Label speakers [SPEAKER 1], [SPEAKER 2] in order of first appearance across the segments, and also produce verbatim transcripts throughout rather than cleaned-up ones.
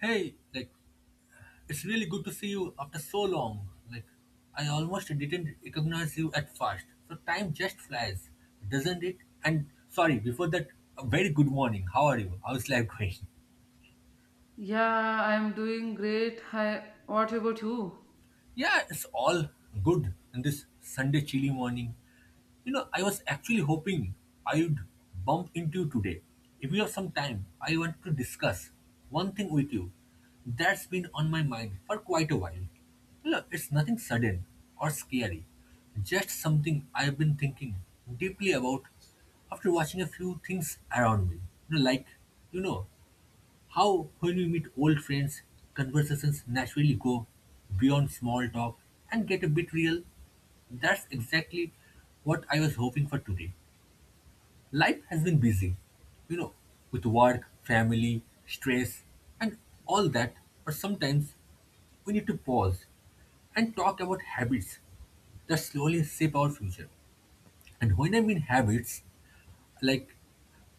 [SPEAKER 1] Hey, like, it's really good to see you after so long. Like, I almost didn't recognize you at first. So time just flies, doesn't it? And sorry, before that, a very good morning. How are you? How's life going?
[SPEAKER 2] Yeah, I'm doing great. Hi, what about you?
[SPEAKER 1] Yeah, it's all good in this Sunday chilly morning. You know, I was actually hoping I'd bump into you today. If you have some time, I want to discuss one thing with you that's been on my mind for quite a while. Look, it's nothing sudden or scary, just something I've been thinking deeply about after watching a few things around me. You know, like, you know, how when we meet old friends, conversations naturally go beyond small talk and get a bit real. That's exactly what I was hoping for today. Life has been busy, you know, with work, family, stress, and all that, but sometimes we need to pause and talk about habits that slowly shape our future. And when I mean habits, like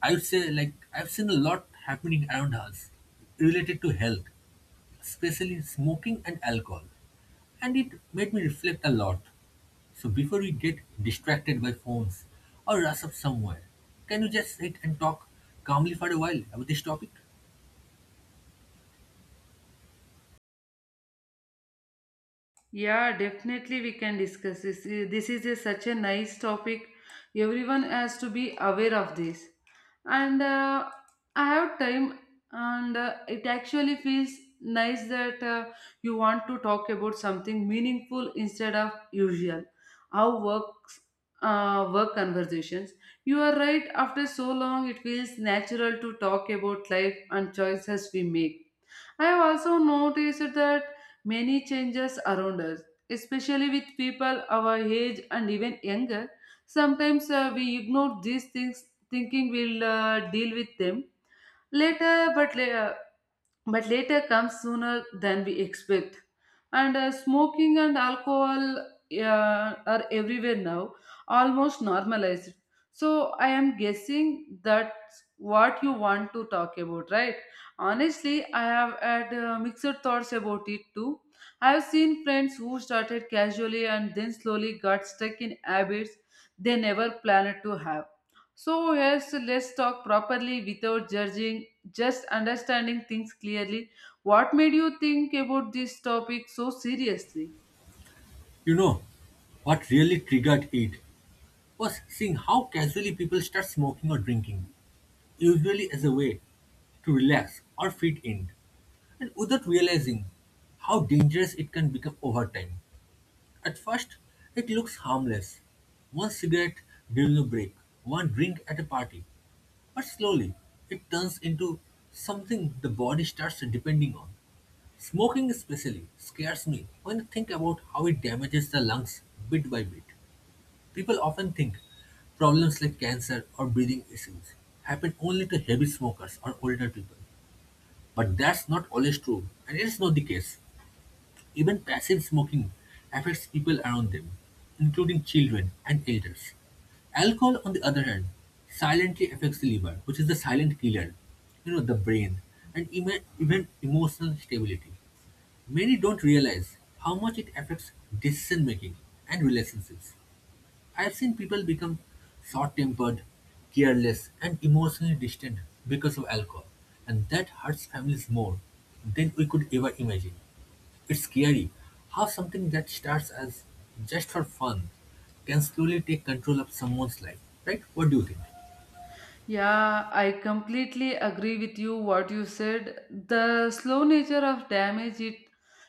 [SPEAKER 1] I would say like I've seen a lot happening around us related to health, especially smoking and alcohol. And it made me reflect a lot. So before we get distracted by phones or rush up somewhere, can you just sit and talk calmly for a while about this topic?
[SPEAKER 2] Yeah, definitely we can discuss this. Uh, This is a, such a nice topic. Everyone has to be aware of this. And uh, I have time, and uh, it actually feels nice that uh, you want to talk about something meaningful instead of usual. How works uh, Work conversations. You are right. After so long, it feels natural to talk about life and choices we make. I have also noticed that many changes around us, especially with people our age and even younger. Sometimes uh, we ignore these things thinking we'll uh, deal with them later, but later but later comes sooner than we expect. And uh, smoking and alcohol uh, are everywhere now, almost normalized. So I am guessing that's what you want to talk about, right? Honestly, I have had uh, mixed thoughts about it too. I have seen friends who started casually and then slowly got stuck in habits they never planned to have. So, yes, let's talk properly without judging, just understanding things clearly. What made you think about this topic so seriously?
[SPEAKER 1] You know, what really triggered it was seeing how casually people start smoking or drinking, usually as a way to relax or fit in, and without realizing how dangerous it can become over time. At first, it looks harmless. One cigarette during a break, one drink at a party. But slowly, it turns into something the body starts depending on. Smoking especially scares me when I think about how it damages the lungs bit by bit. People often think problems like cancer or breathing issues happen only to heavy smokers or older people. But that's not always true, and it's not the case. Even passive smoking affects people around them, including children and elders. Alcohol, on the other hand, silently affects the liver, which is the silent killer, you know, the brain, and even, even emotional stability. Many don't realize how much it affects decision making and relationships. I've seen people become short tempered, careless, and emotionally distant because of alcohol, and that hurts families more than we could ever imagine. It's scary how something that starts as just for fun can slowly take control of someone's life, right? What do you think?
[SPEAKER 2] Yeah, I completely agree with you what you said. The slow nature of damage it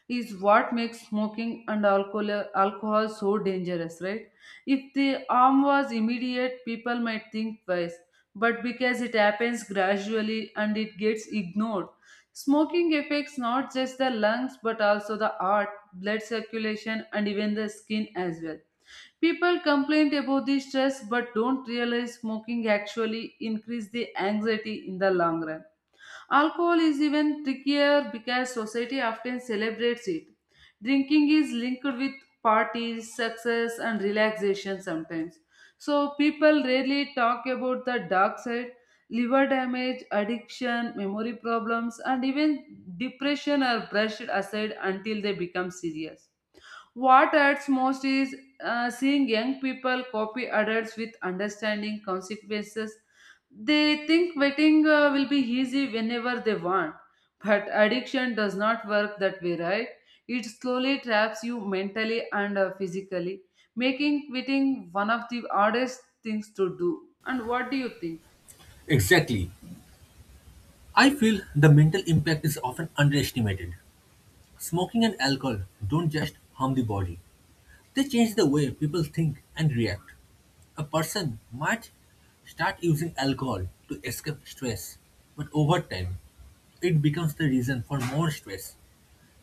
[SPEAKER 2] is what makes smoking and alcohol alcohol so dangerous, right? If the harm was immediate, people might think twice, but because it happens gradually and it gets ignored, smoking affects not just the lungs but also the heart, blood circulation, and even the skin as well. People complain about the stress but don't realize smoking actually increase the anxiety in the long run. Alcohol is even trickier because society often celebrates it. Drinking is linked with parties, success, and relaxation sometimes. So people rarely talk about the dark side, liver damage, addiction, memory problems, and even depression are brushed aside until they become serious. What hurts most is uh, seeing young people copy adults with understanding consequences. They think waiting uh, will be easy whenever they want. But addiction does not work that way, right? It slowly traps you mentally and uh, physically, making quitting one of the hardest things to do. And what do you think?
[SPEAKER 1] Exactly. I feel the mental impact is often underestimated. Smoking and alcohol don't just harm the body, they change the way people think and react. A person might start using alcohol to escape stress, but over time, it becomes the reason for more stress.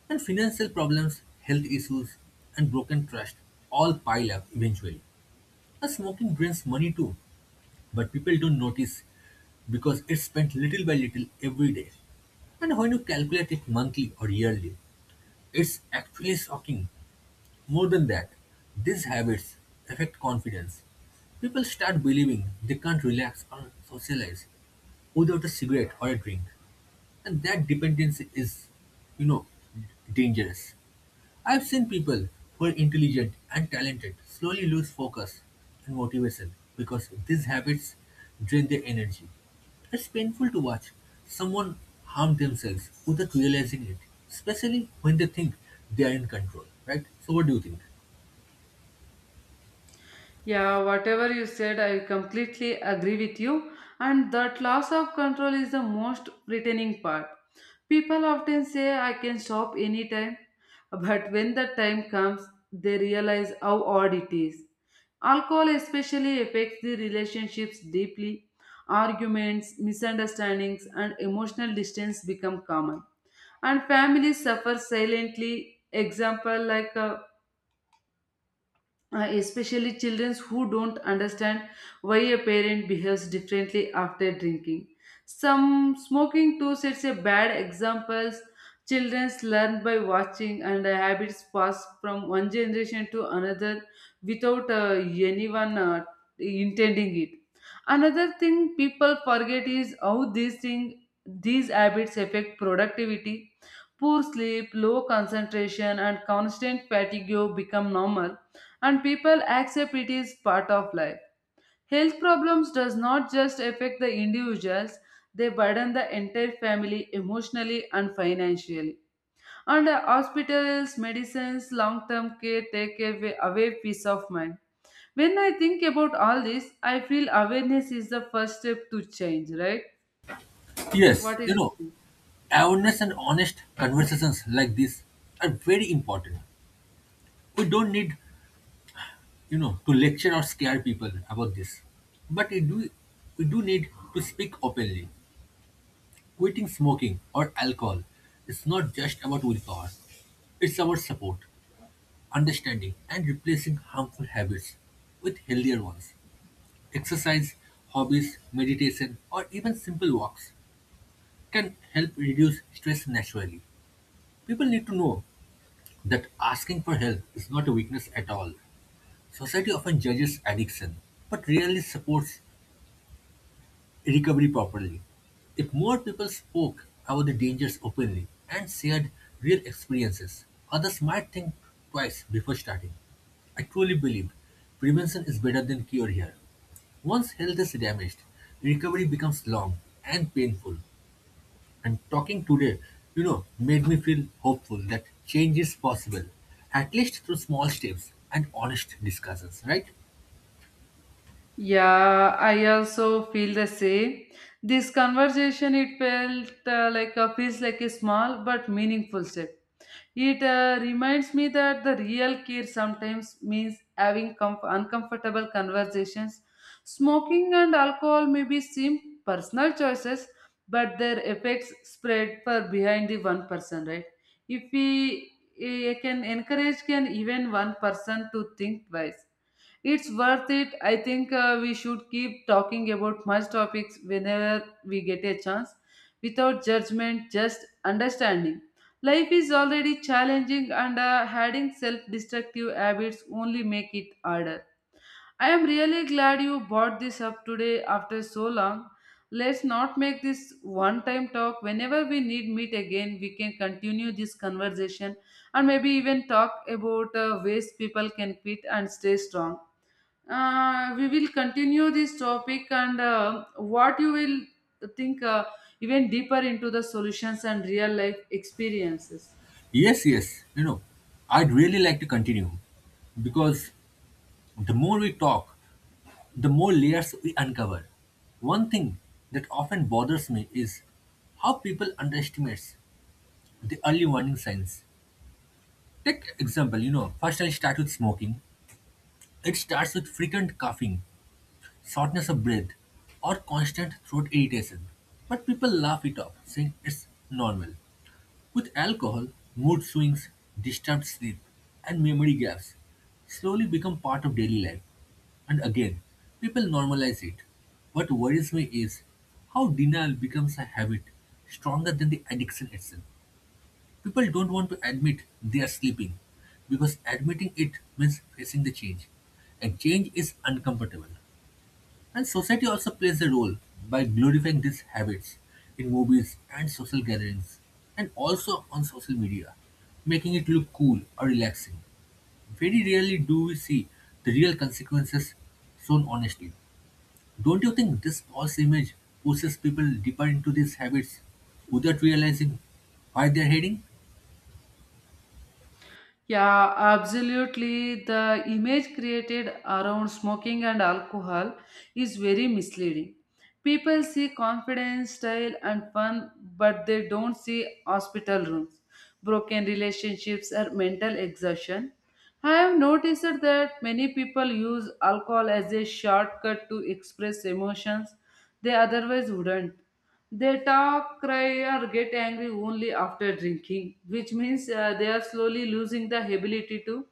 [SPEAKER 1] And financial problems, health issues, and broken trust all pile up eventually. And smoking drains money too, but people don't notice because it's spent little by little every day. And when you calculate it monthly or yearly, it's actually shocking. More than that, these habits affect confidence. People start believing they can't relax or socialize without a cigarette or a drink. And that dependency is, you know, dangerous. I've seen people who are intelligent and talented slowly lose focus and motivation because these habits drain their energy. It's painful to watch someone harm themselves without realizing it, especially when they think they are in control, right? So, what do you think?
[SPEAKER 2] Yeah, whatever you said, I completely agree with you. And that loss of control is the most frightening part. People often say I can shop anytime, but when the time comes, they realize how odd it is. Alcohol especially affects the relationships deeply. Arguments, misunderstandings, and emotional distance become common. And families suffer silently. Example like uh, uh, especially children who don't understand why a parent behaves differently after drinking. Some smoking too sets a bad examples. Children learn by watching, and the habits pass from one generation to another without uh, anyone uh, intending it. Another thing people forget is how these thing these habits affect productivity. Poor sleep, low concentration, and constant fatigue become normal, and people accept it is part of life. Health problems does not just affect the individuals, they burden the entire family emotionally and financially. And the hospitals, medicines, long-term care take away, away peace of mind. When I think about all this, I feel awareness is the first step to change, right?
[SPEAKER 1] Yes,
[SPEAKER 2] What is
[SPEAKER 1] you
[SPEAKER 2] your
[SPEAKER 1] know,
[SPEAKER 2] opinion?
[SPEAKER 1] awareness and honest conversations like this are very important. We don't need, you know, to lecture or scare people about this. But we do we do need to speak openly. Quitting smoking or alcohol is not just about willpower. It's about support, understanding, and replacing harmful habits with healthier ones. Exercise, hobbies, meditation, or even simple walks can help reduce stress naturally. People need to know that asking for help is not a weakness at all. Society often judges addiction, but rarely supports recovery properly. If more people spoke about the dangers openly and shared real experiences, others might think twice before starting. I truly believe prevention is better than cure here. Once health is damaged, recovery becomes long and painful. And talking today, you know, made me feel hopeful that change is possible, at least through small steps and honest discussions, right?
[SPEAKER 2] Yeah, I also feel the same. This conversation, it felt uh, like a, feels like a small but meaningful step. It uh, reminds me that the real care sometimes means having com uncomfortable conversations. Smoking and alcohol may be seem personal choices, but their effects spread far behind the one person, right? If we eh, can encourage can even one person to think twice, it's worth it. I think uh, we should keep talking about much topics whenever we get a chance, without judgment, just understanding. Life is already challenging, and uh, adding self-destructive habits only make it harder. I am really glad you brought this up today after so long. Let's not make this one time talk. Whenever we need meet again, we can continue this conversation and maybe even talk about uh, ways people can quit and stay strong. Uh, we will continue this topic, and uh, what you will think uh, even deeper into the solutions and real life experiences.
[SPEAKER 1] Yes, yes, you know, I'd really like to continue because the more we talk, the more layers we uncover. One thing that often bothers me is how people underestimate the early warning signs. Take example, you know, first I'll start with smoking. It starts with frequent coughing, shortness of breath, or constant throat irritation. But people laugh it off, saying it's normal. With alcohol, mood swings, disturbed sleep, and memory gaps slowly become part of daily life. And again, people normalize it. What worries me is how denial becomes a habit stronger than the addiction itself. People don't want to admit they are sleeping because admitting it means facing the change. And change is uncomfortable. And society also plays a role by glorifying these habits in movies and social gatherings, and also on social media, making it look cool or relaxing. Very rarely do we see the real consequences shown honestly. Don't you think this false image pushes people deeper into these habits without realizing why they're heading?
[SPEAKER 2] Yeah, absolutely. The image created around smoking and alcohol is very misleading. People see confidence, style, and fun, but they don't see hospital rooms, broken relationships, or mental exhaustion. I have noticed that many people use alcohol as a shortcut to express emotions they otherwise wouldn't. They talk, cry, or get angry only after drinking, which means uh, they are slowly losing the ability to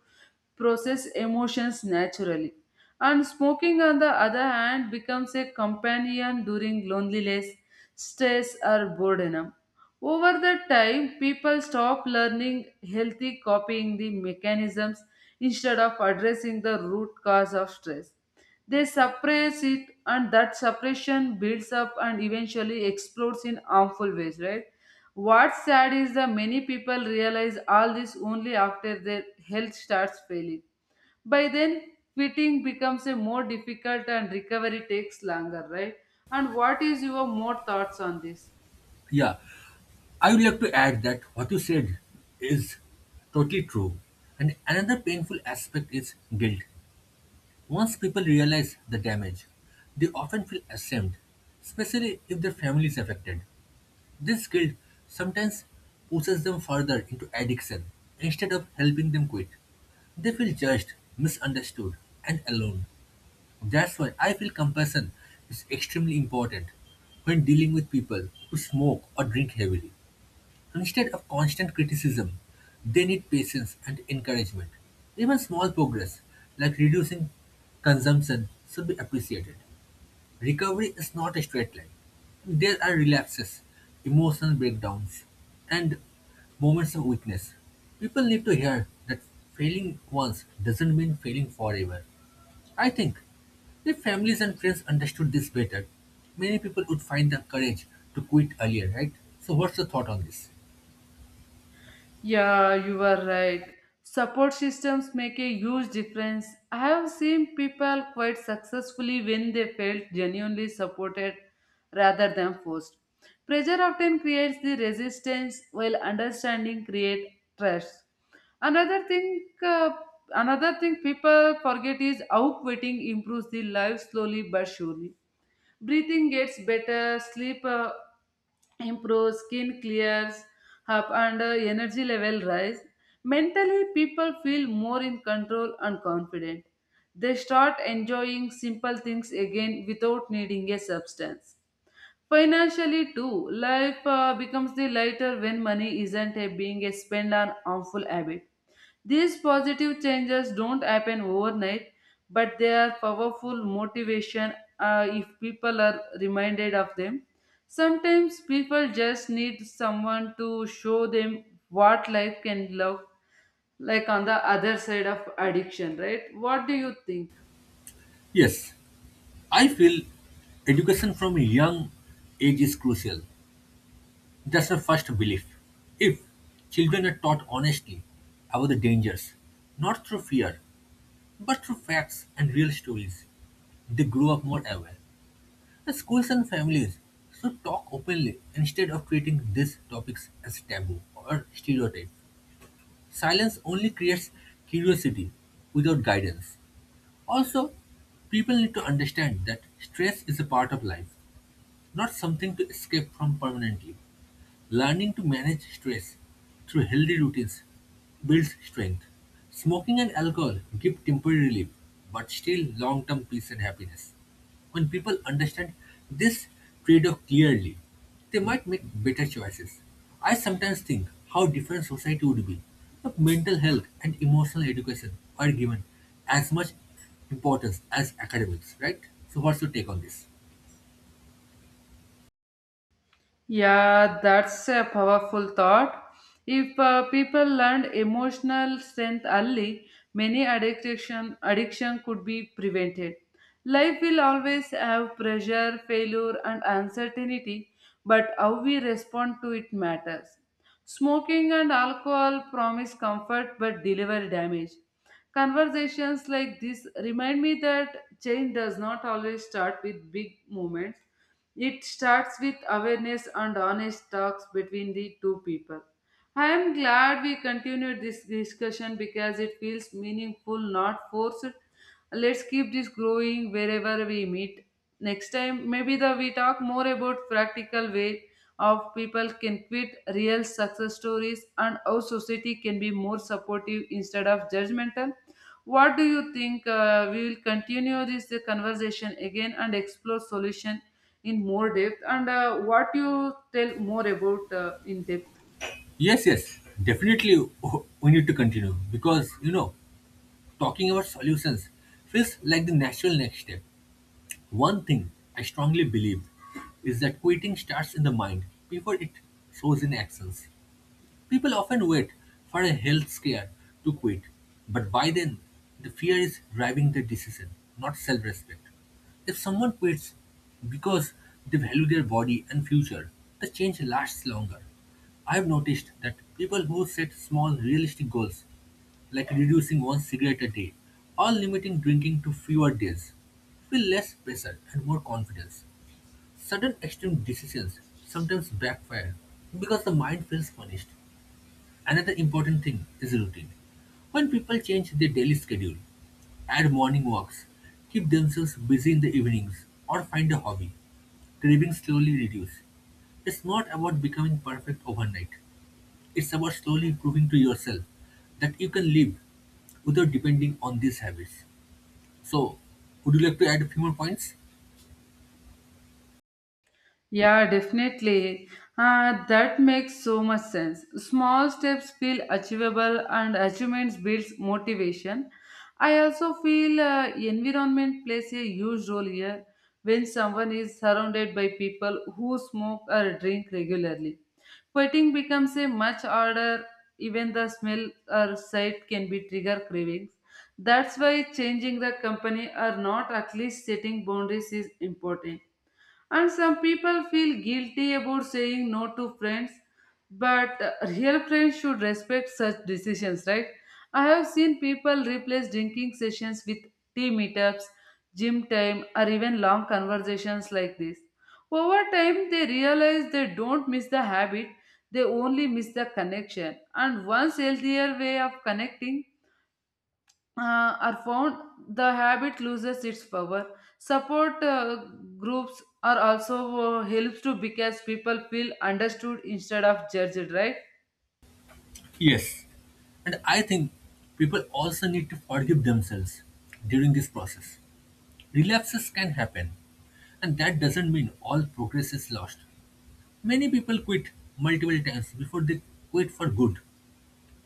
[SPEAKER 2] process emotions naturally. And smoking, on the other hand, becomes a companion during loneliness, stress, or boredom. Over the time, people stop learning healthy copying the mechanisms instead of addressing the root cause of stress. They suppress it, and that suppression builds up and eventually explodes in harmful ways, right? What's sad is that many people realize all this only after their health starts failing. By then, quitting becomes a more difficult and recovery takes longer, right? And what is your more thoughts on this?
[SPEAKER 1] Yeah, I would like to add that what you said is totally true. And another painful aspect is guilt. Once people realize the damage, they often feel ashamed, especially if their family is affected. This guilt sometimes pushes them further into addiction instead of helping them quit. They feel judged, misunderstood, and alone. That's why I feel compassion is extremely important when dealing with people who smoke or drink heavily. Instead of constant criticism, they need patience and encouragement. Even small progress, like reducing consumption, should be appreciated. Recovery is not a straight line. There are relapses, emotional breakdowns, and moments of weakness. People need to hear that failing once doesn't mean failing forever. I think if families and friends understood this better, many people would find the courage to quit earlier, right? So, what's the thought on this?
[SPEAKER 2] Yeah, you are right. Support systems make a huge difference. I have seen people quite successfully when they felt genuinely supported rather than forced. Pressure often creates the resistance while understanding creates trust. Another thing, uh, another thing people forget is how quitting improves the life slowly but surely. Breathing gets better, sleep uh, improves, skin clears up, and uh, energy level rise. Mentally, people feel more in control and confident. They start enjoying simple things again without needing a substance. Financially too, life uh, becomes the lighter when money isn't a being a spent on harmful habit. These positive changes don't happen overnight, but they are powerful motivation uh, if people are reminded of them. Sometimes people just need someone to show them what life can love, like on the other side of addiction, right? What do you think?
[SPEAKER 1] Yes, I feel education from a young age is crucial. That's my first belief. If children are taught honestly about the dangers, not through fear, but through facts and real stories, they grow up more aware. The schools and families should talk openly instead of treating these topics as taboo or stereotype. Silence only creates curiosity without guidance. Also, people need to understand that stress is a part of life, not something to escape from permanently. Learning to manage stress through healthy routines builds strength. Smoking and alcohol give temporary relief, but still long term peace and happiness. When people understand this trade off clearly, they might make better choices. I sometimes think how different society would be if mental health and emotional education are given as much importance as academics, right? So, what's your take on this?
[SPEAKER 2] Yeah, that's a powerful thought. If uh, people learned emotional strength early, many addiction addiction could be prevented. Life will always have pressure, failure, and uncertainty, but how we respond to it matters. Smoking and alcohol promise comfort but deliver damage. Conversations like this remind me that change does not always start with big moments. It starts with awareness and honest talks between the two people. I am glad we continued this discussion because it feels meaningful, not forced. Let's keep this growing wherever we meet. Next time, maybe the, we talk more about practical way of people can quit, real success stories, and how society can be more supportive instead of judgmental. What do you think? Uh, we will continue this uh, conversation again and explore solution in more depth, and uh, what you tell more about uh, in depth.
[SPEAKER 1] Yes, yes, definitely we need to continue because you know, talking about solutions feels like the natural next step. One thing I strongly believe is that quitting starts in the mind before it shows in actions. People often wait for a health scare to quit, but by then, the fear is driving the decision, not self respect. If someone quits because they value their body and future, the change lasts longer. I've noticed that people who set small, realistic goals, like reducing one cigarette a day or limiting drinking to fewer days, feel less pressure and more confidence. Sudden extreme decisions sometimes backfire because the mind feels punished. Another important thing is routine. When people change their daily schedule, add morning walks, keep themselves busy in the evenings, or find a hobby, cravings slowly reduce. It's not about becoming perfect overnight. It's about slowly proving to yourself that you can live without depending on these habits. So, would you like to add a few more points?
[SPEAKER 2] Yeah, definitely. Uh, that makes so much sense. Small steps feel achievable, and achievements builds motivation. I also feel uh, environment plays a huge role here when someone is surrounded by people who smoke or drink regularly. Quitting becomes a much harder, even the smell or sight can be trigger cravings. That's why changing the company or not at least setting boundaries is important, and some people feel guilty about saying no to friends, but uh, real friends should respect such decisions, right? I have seen people replace drinking sessions with tea meetups, gym time, or even long conversations like this. Over time, they realize they don't miss the habit, they only miss the connection. And once healthier way of connecting uh, are found, the habit loses its power. Support uh, groups are also uh, helps to, because people feel understood instead of judged, right?
[SPEAKER 1] Yes. And I think people also need to forgive themselves during this process. Relapses can happen, and that doesn't mean all progress is lost. Many people quit multiple times before they quit for good.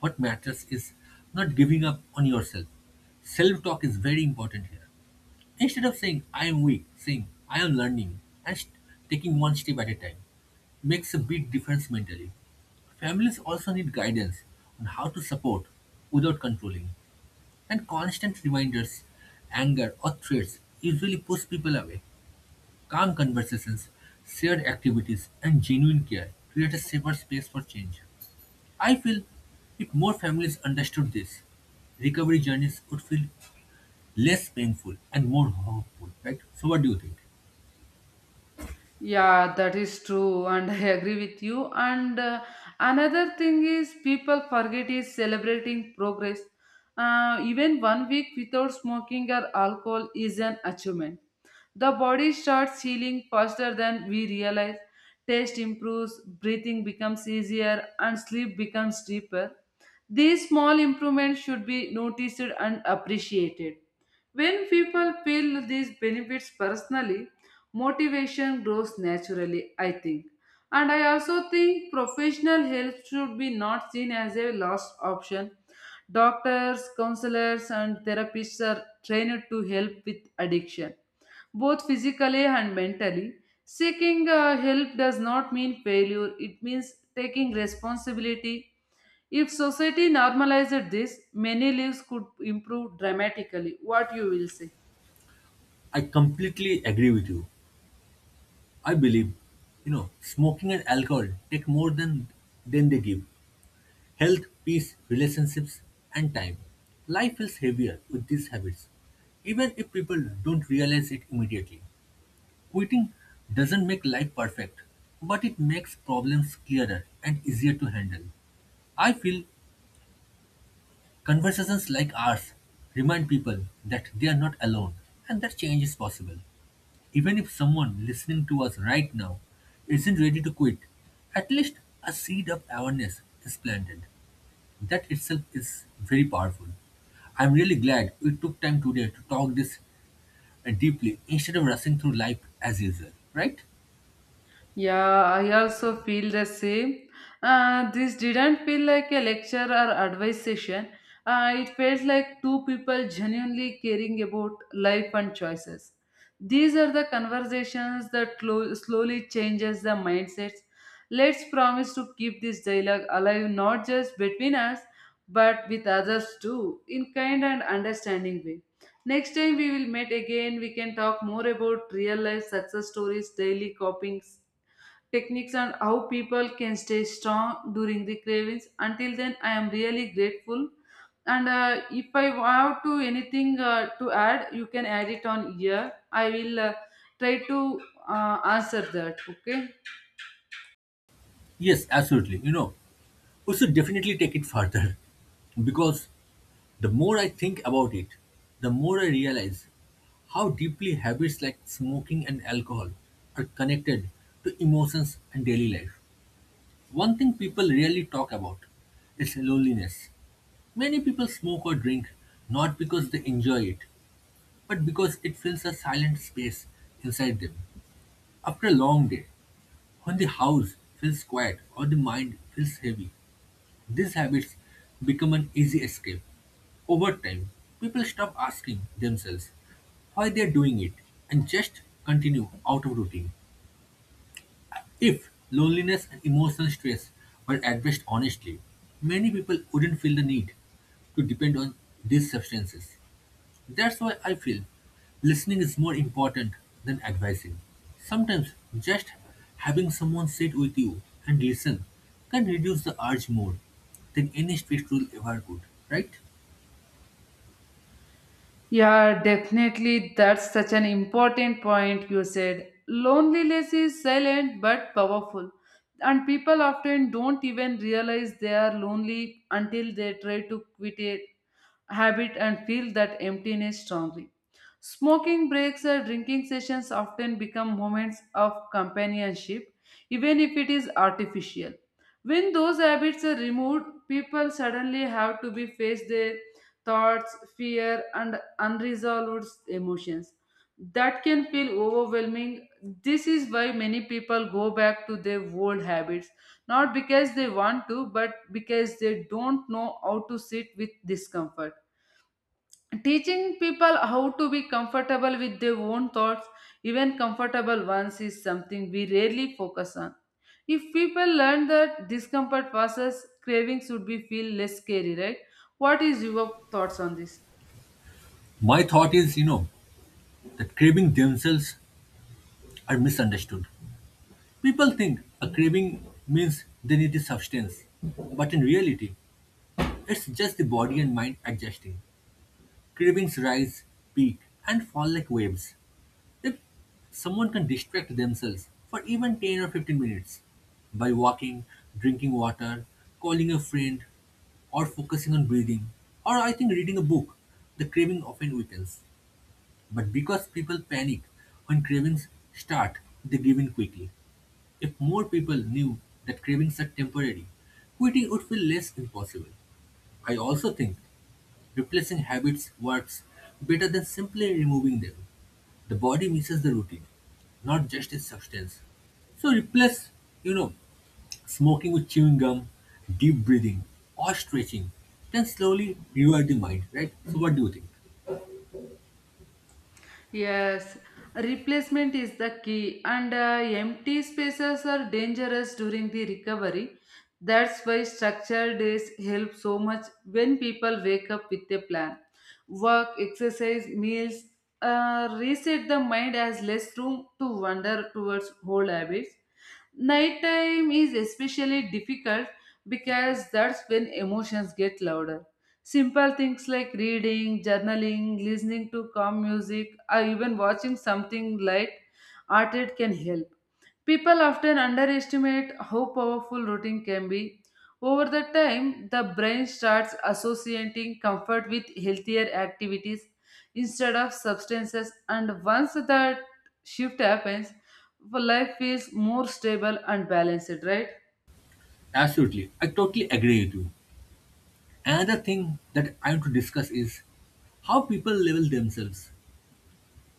[SPEAKER 1] What matters is not giving up on yourself. Self talk is very important here. Instead of saying, I am weak, saying, I am learning, and st- taking one step at a time makes a big difference mentally. Families also need guidance on how to support without controlling, and constant reminders, anger, or threats usually push people away. Calm conversations, shared activities, and genuine care create a safer space for change. I feel if more families understood this, recovery journeys would feel less painful and more hopeful, right? So what do you think?
[SPEAKER 2] Yeah, that is true, and I agree with you. And uh, another thing is people forget is celebrating progress. Uh, even one week without smoking or alcohol is an achievement. The body starts healing faster than we realize. Taste improves, breathing becomes easier, and sleep becomes deeper. These small improvements should be noticed and appreciated. When people feel these benefits personally, motivation grows naturally, I think. And I also think professional help should be not seen as a last option. Doctors, counselors, and therapists are trained to help with addiction both physically and mentally. Seeking uh, help does not mean failure, it means taking responsibility. If society normalized this, many lives could improve dramatically. What you will say?
[SPEAKER 1] I completely agree with you. I believe, you know, smoking and alcohol take more than than they give. Health, peace, relationships, and time. Life feels heavier with these habits, even if people don't realize it immediately. Quitting doesn't make life perfect, but it makes problems clearer and easier to handle. I feel conversations like ours remind people that they are not alone and that change is possible. Even if someone listening to us right now isn't ready to quit, at least a seed of awareness is planted. That itself is very powerful. I'm really glad we took time today to talk this uh, deeply instead of rushing through life as usual, right?
[SPEAKER 2] Yeah, I also feel the same. Uh, this didn't feel like a lecture or advice session. Uh, it felt like two people genuinely caring about life and choices. These are the conversations that clo- slowly changes the mindsets. Let's promise to keep this dialogue alive not just between us but with others too in kind and understanding way. Next time we will meet again we can talk more about real life success stories, daily copings techniques and how people can stay strong during the cravings. Until then I am really grateful, and uh, if I have to anything uh, to add you can add it on here. I will uh, try to uh, answer that, okay?
[SPEAKER 1] Yes, absolutely. You know, we should definitely take it further because the more I think about it, the more I realize how deeply habits like smoking and alcohol are connected to emotions and daily life. One thing people rarely talk about is loneliness. Many people smoke or drink not because they enjoy it, but because it fills a silent space inside them. After a long day, when the house feels quiet or the mind feels heavy, these habits become an easy escape. Over time, people stop asking themselves why they are doing it and just continue out of routine. If loneliness and emotional stress were addressed honestly, many people wouldn't feel the need to depend on these substances. That's why I feel listening is more important than advising. Sometimes just having someone sit with you and listen can reduce the urge more than any strict rule ever could, right?
[SPEAKER 2] Yeah, definitely. That's such an important point you said. Loneliness is silent but powerful. And people often don't even realize they are lonely until they try to quit it habit and feel that emptiness strongly. Smoking breaks or drinking sessions often become moments of companionship, even if it is artificial. When those habits are removed, people suddenly have to be face their thoughts, fear, and unresolved emotions. That can feel overwhelming. This is why many people go back to their old habits, not because they want to, but because they don't know how to sit with discomfort. Teaching people how to be comfortable with their own thoughts, even comfortable ones, is something we rarely focus on. If people learn that discomfort passes, cravings would be feel less scary, right? What is your thoughts on this?
[SPEAKER 1] My thought is, you know, that craving themselves are misunderstood. People think a craving means they need a substance, but in reality, it's just the body and mind adjusting. Cravings rise, peak, and fall like waves. If someone can distract themselves for even ten or fifteen minutes by walking, drinking water, calling a friend, or focusing on breathing, or I think reading a book, the craving often weakens. But because people panic when cravings start, they give in quickly. If more people knew that cravings are temporary, quitting would feel less impossible. I also think replacing habits works better than simply removing them. The body misses the routine, not just its substance. So replace, you know, smoking with chewing gum, deep breathing, or stretching. Then slowly rewire the mind, right? So what do you think?
[SPEAKER 2] Yes, replacement is the key, and uh, empty spaces are dangerous during the recovery. That's why structured days help so much when people wake up with a plan. Work, exercise, meals uh, reset the mind as less room to wander towards old habits. Nighttime is especially difficult because that's when emotions get louder. Simple things like reading, journaling, listening to calm music, or even watching something light hearted can help. People often underestimate how powerful routine can be. Over the time, the brain starts associating comfort with healthier activities instead of substances, and once that shift happens, life feels more stable and balanced, right?
[SPEAKER 1] Absolutely. I totally agree with you. Another thing that I want to discuss is how people label themselves.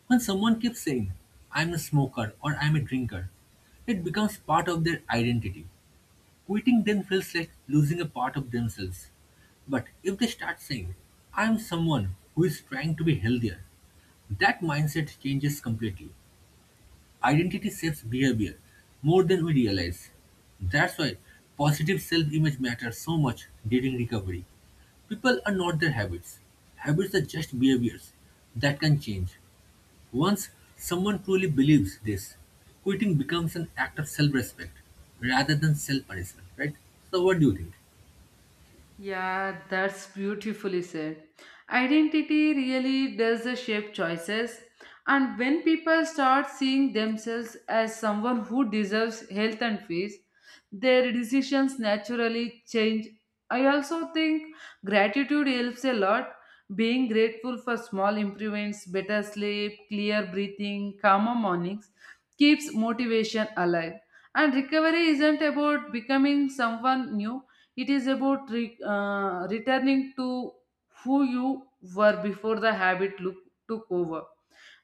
[SPEAKER 1] When someone keeps saying, I'm a smoker or I'm a drinker, it becomes part of their identity. Quitting then feels like losing a part of themselves. But if they start saying, I am someone who is trying to be healthier, that mindset changes completely. Identity shapes behavior more than we realize. That's why positive self image matters so much during recovery. People are not their habits, habits are just behaviors that can change. Once someone truly believes this, quitting becomes an act of self respect rather than self punishment, right? So, what do you think?
[SPEAKER 2] Yeah, that's beautifully said. Identity really does shape choices, and when people start seeing themselves as someone who deserves health and peace, their decisions naturally change. I also think gratitude helps a lot. Being grateful for small improvements, better sleep, clear breathing, calmer mornings keeps motivation alive. And recovery isn't about becoming someone new, it is about re- uh, returning to who you were before the habit look, took over.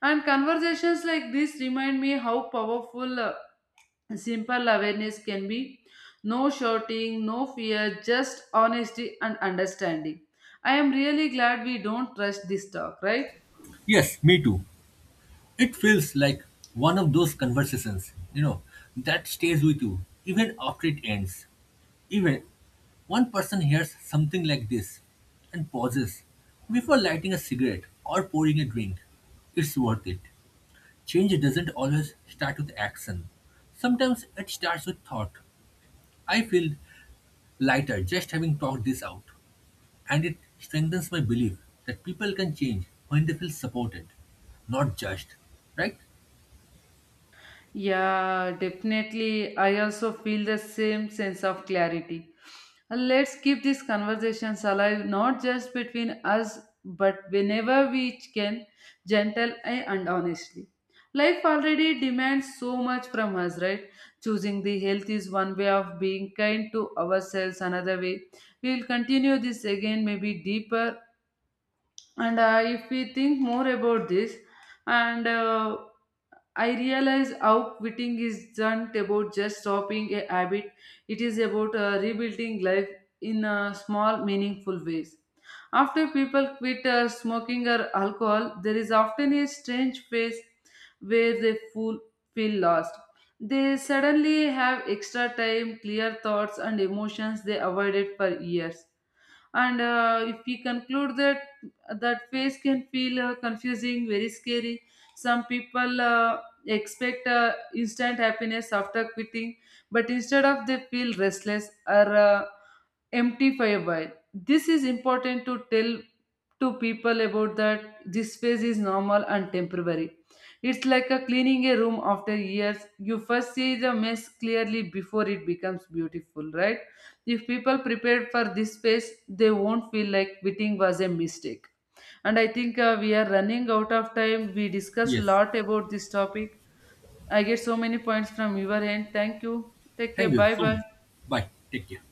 [SPEAKER 2] And conversations like this remind me how powerful uh, simple awareness can be. No shouting, no fear, just honesty and understanding. I am really glad we don't rush this talk, right?
[SPEAKER 1] Yes, me too. It feels like one of those conversations, you know, that stays with you even after it ends. Even one person hears something like this and pauses before lighting a cigarette or pouring a drink. It's worth it. Change doesn't always start with action. Sometimes it starts with thought. I feel lighter just having talked this out, and it strengthens my belief that people can change when they feel supported, not judged. Right?
[SPEAKER 2] Yeah, definitely. I also feel the same sense of clarity. And let's keep these conversations alive, not just between us, but whenever we can, gentle and honestly. Life already demands so much from us, right? Choosing the health is one way of being kind to ourselves, another way. We will continue this again, maybe deeper. And uh, if we think more about this, and uh, I realize how quitting isn't about just stopping a habit, it is about uh, rebuilding life in uh, small, meaningful ways. After people quit uh, smoking or alcohol, there is often a strange phase where they full, feel lost. They suddenly have extra time, clear thoughts, and emotions they avoided for years, and uh, if we conclude that that phase can feel uh, confusing, very scary. Some people uh, expect uh, instant happiness after quitting, but instead of they feel restless or uh, empty for a while. This is important to tell to people about that this phase is normal and temporary. It's like a cleaning a room after years. You first see the mess clearly before it becomes beautiful, right? If people prepared for this phase, they won't feel like quitting was a mistake. And I think uh, we are running out of time. We discussed a
[SPEAKER 1] Yes.
[SPEAKER 2] lot about this topic. I get so many points from your end. Thank you. Take
[SPEAKER 1] Thank
[SPEAKER 2] care.
[SPEAKER 1] you
[SPEAKER 2] Bye
[SPEAKER 1] so
[SPEAKER 2] bye.
[SPEAKER 1] much. Bye. Take care.